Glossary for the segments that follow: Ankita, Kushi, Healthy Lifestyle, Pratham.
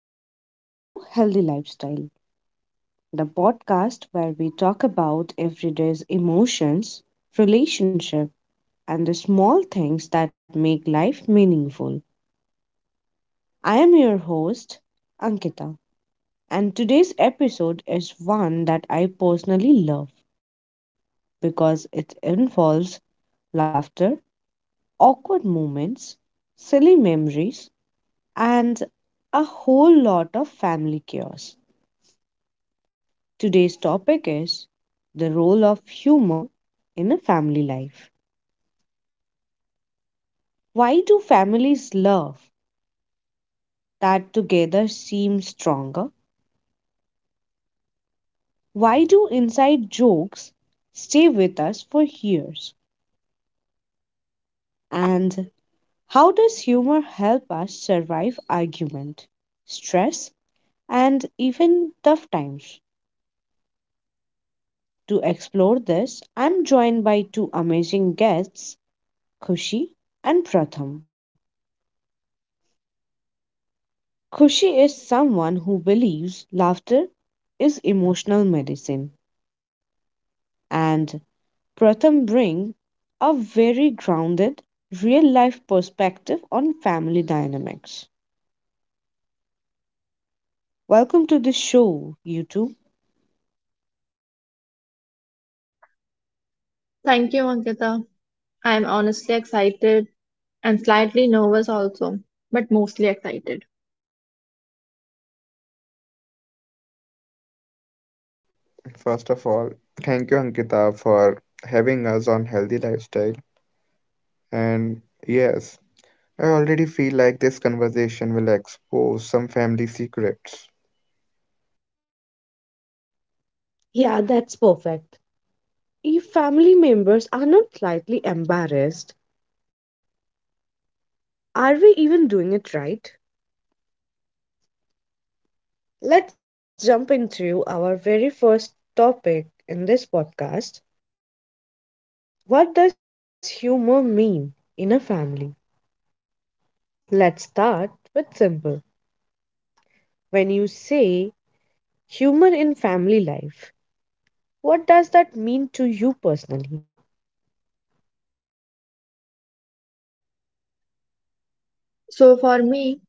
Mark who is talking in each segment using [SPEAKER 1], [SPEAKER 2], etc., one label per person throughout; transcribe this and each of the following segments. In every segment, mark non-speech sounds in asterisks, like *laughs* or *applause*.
[SPEAKER 1] Welcome back to Healthy Lifestyle, the podcast where we talk about everyday's emotions, relationship, and the small things that make life meaningful. I am your host, Ankita, and today's episode is one that I personally love because it involves laughter, awkward moments, silly memories, and a whole lot of family chaos. Today's topic is the role of humor in a family life. Why do families love that together seems stronger? Why do inside jokes stay with us for years? And how does humor help us survive argument, stress, even tough times? To explore this, I'm joined by two amazing guests, Kushi and Pratham. Kushi is someone who believes laughter is emotional medicine, and Pratham brings a very grounded, life perspective on family dynamics. Welcome to the show, you two.
[SPEAKER 2] Thank you, Ankita. I am honestly excited and slightly nervous also, but mostly excited.
[SPEAKER 3] First of all, thank you, Ankita, for having us on Healthy Lifestyle. And yes, I already feel like this conversation will expose some family secrets.
[SPEAKER 1] Yeah, that's perfect. If family members are not slightly embarrassed, are we even doing it right? Let's jump into our very first topic in this podcast. What does humor mean in a family? Let's start with simple. When you say humor in family life, what does that mean to you personally?
[SPEAKER 2] So for me,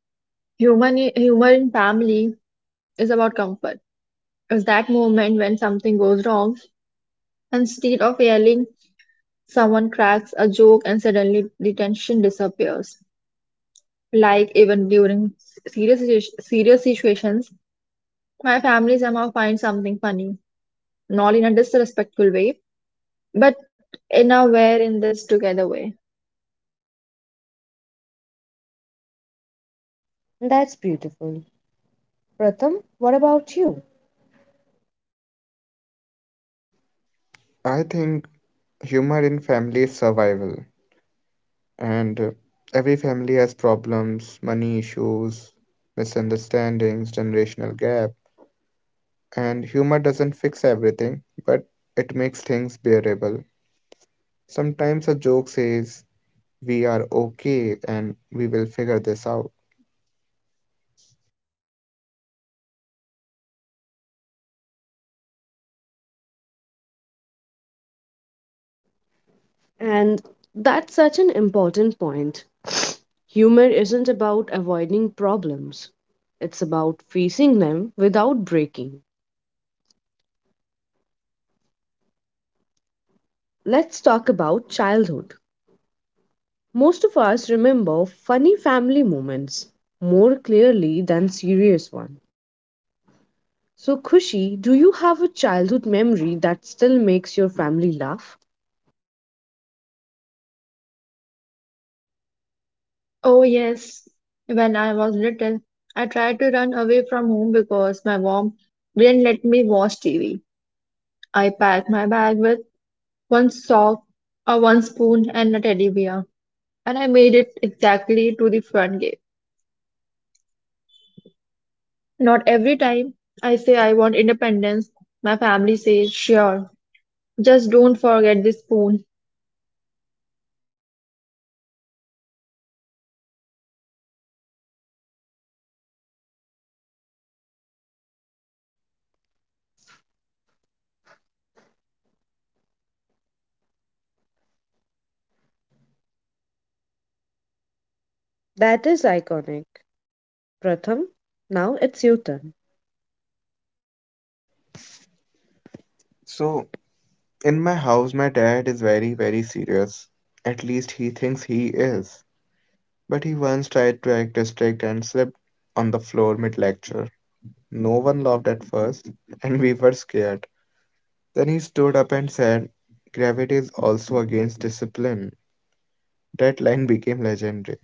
[SPEAKER 2] human humor in family is about comfort. It's that moment when something goes wrong, and instead of yelling, someone cracks a joke and suddenly the tension disappears. Like even during serious situations, my family somehow finds something funny, not in a disrespectful way, but in a we're in this together way.
[SPEAKER 1] That's beautiful. Pratham, what about you?
[SPEAKER 3] I think humor in family is survival, and every family has problems, money issues, misunderstandings, generational gap, and humor doesn't fix everything, but it makes things bearable. Sometimes a joke says, we are okay and we will figure this out.
[SPEAKER 1] And that's such an important point. Humor isn't about avoiding problems, it's about facing them without breaking. Let's talk about childhood. Most of remember funny family moments more clearly than serious ones. So, Kushi, do you have a childhood memory that still makes your family laugh?
[SPEAKER 2] Oh, yes. When I was little, I tried to run away from home because my mom didn't let me watch TV. I packed my bag with one sock, one spoon, and a teddy bear, and I made it exactly to the front gate. Not every time I say I want independence, my family says, sure, just don't forget the spoon.
[SPEAKER 1] That is iconic. Pratham, now it's your turn.
[SPEAKER 3] So, in my house, my dad is very, very serious. At least he thinks he is. But he once tried to act district and slipped on the floor mid lecture. No one laughed at first, and we were scared. Then he stood up and said, gravity is also against discipline. That line became legendary.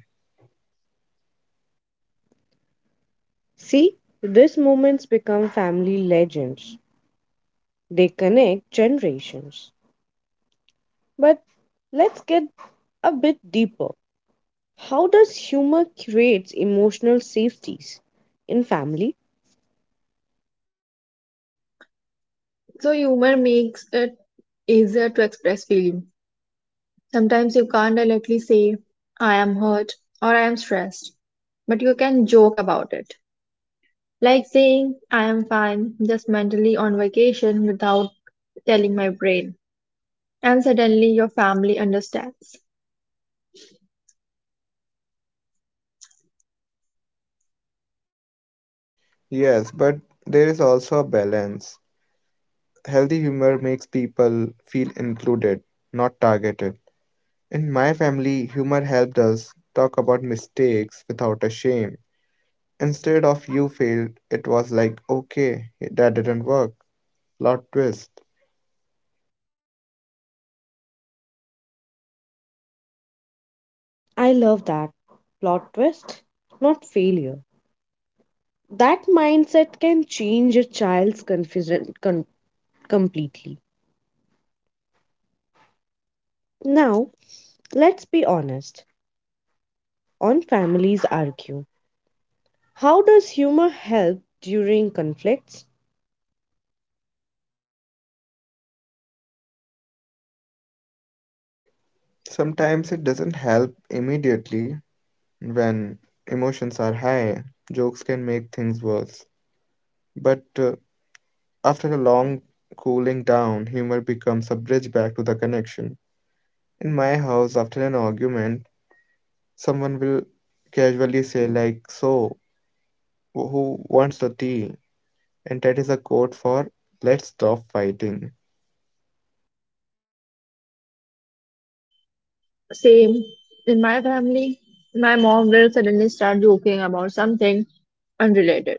[SPEAKER 1] See, these moments become family legends. They connect generations. But let's get a bit deeper. How does humor creates emotional safeties in family?
[SPEAKER 2] So humor makes it easier to express feelings. Sometimes you can't directly say, I am hurt or I am stressed, but you can joke about it. Like saying, I am fine, just mentally on vacation without telling my brain. And suddenly your family understands.
[SPEAKER 3] Yes, but there is also a balance. Healthy humor makes people feel included, not targeted. In my family, humor helped us talk about mistakes without a shame. Instead of you failed, it was like, okay, that didn't work. Plot twist.
[SPEAKER 1] I love that. Plot twist, not failure. That mindset can change a child's confusion, completely. Now, let's be honest. On families argue. How does humor help during conflicts?
[SPEAKER 3] Sometimes it doesn't help immediately when emotions are high. Jokes can make things worse. But after a long cooling down, humor becomes a bridge back to the connection. In my house, after an argument, someone will casually say, like, so, who wants the tea? And that is a code for let's stop fighting.
[SPEAKER 2] Same in my family, my mom will suddenly start joking about something unrelated.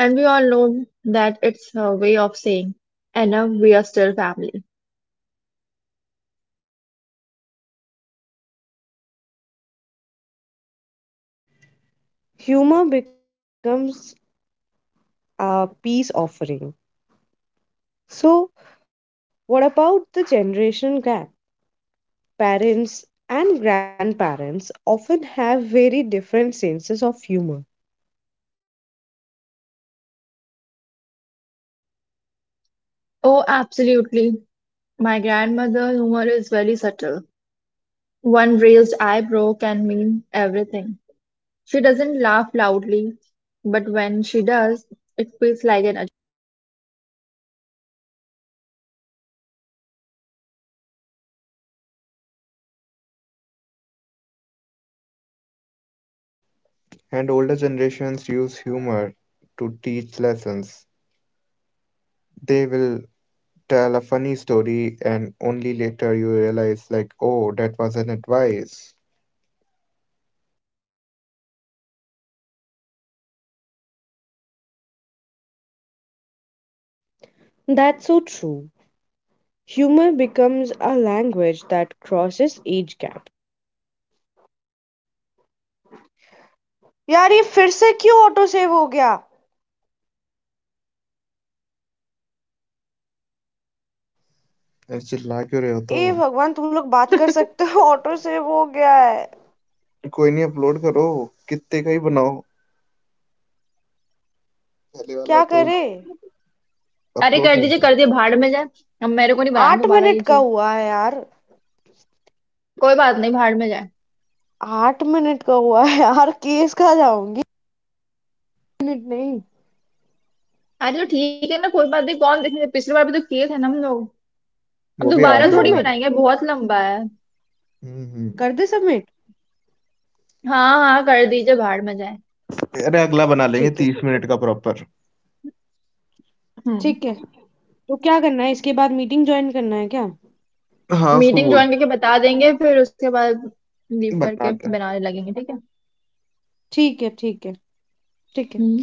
[SPEAKER 2] And we all know that it's her way of saying, enough, we are still family.
[SPEAKER 1] Humor becomes a peace offering. So, what about the generation gap? Parents and grandparents often have very different senses of humor.
[SPEAKER 2] Oh, absolutely. My grandmother humor is very subtle. One raised eyebrow can mean everything. She doesn't laugh loudly, but when she does, it feels like an
[SPEAKER 3] And older generations use humor to teach lessons. They will tell a funny story, and only later you realize, like, oh, that was an advice.
[SPEAKER 1] That's so true. Humor becomes a language that crosses age.
[SPEAKER 3] अरे चिल्ला क्यों रहे हो? तो
[SPEAKER 2] attack. *laughs*
[SPEAKER 3] कोई नहीं, upload करो, कितने का ही बनाओ, पहले वाला तो
[SPEAKER 2] अरे
[SPEAKER 3] अपलोड करो.
[SPEAKER 2] कर दीजिए भाड़ में जाए अब मेरे को नहीं बनाना दोबारा ये चीज कोई बात नहीं भाड़ में जाए अरे तो ठीक है ना कोई बात नहीं कौन देखेंगे पिछली बार भी तो किए थे ना हम लोग अब
[SPEAKER 3] वो
[SPEAKER 1] कर
[SPEAKER 3] भी
[SPEAKER 1] दें
[SPEAKER 2] दोबारा
[SPEAKER 3] आठ नौ
[SPEAKER 2] थोड़ी
[SPEAKER 1] सबमिट?
[SPEAKER 3] मिनट
[SPEAKER 2] बनाएंगे बहुत लंबा है
[SPEAKER 3] हम्म, हम्म.
[SPEAKER 1] कर दें सबमिट?
[SPEAKER 2] हाँ हाँ कर दीजिए भाड़ में जाए
[SPEAKER 3] अरे अगला बना लेंगे
[SPEAKER 1] ठीक है,
[SPEAKER 3] तीस मिनट का प्रॉपर.
[SPEAKER 2] हम्म
[SPEAKER 1] ठीक है। तो क्या करना है इसके बाद मीटिंग जॉइन करना है क्या?
[SPEAKER 3] हाँ, उसको
[SPEAKER 2] मीटिंग
[SPEAKER 3] बोल
[SPEAKER 2] ज्वाइन करके बता देंगे फिर उसके बाद लीव करके
[SPEAKER 3] बनाते.
[SPEAKER 2] बनाने लगेंगे ठीक है
[SPEAKER 1] ठीक है, ठीक है, ठीक है।
[SPEAKER 2] हम्म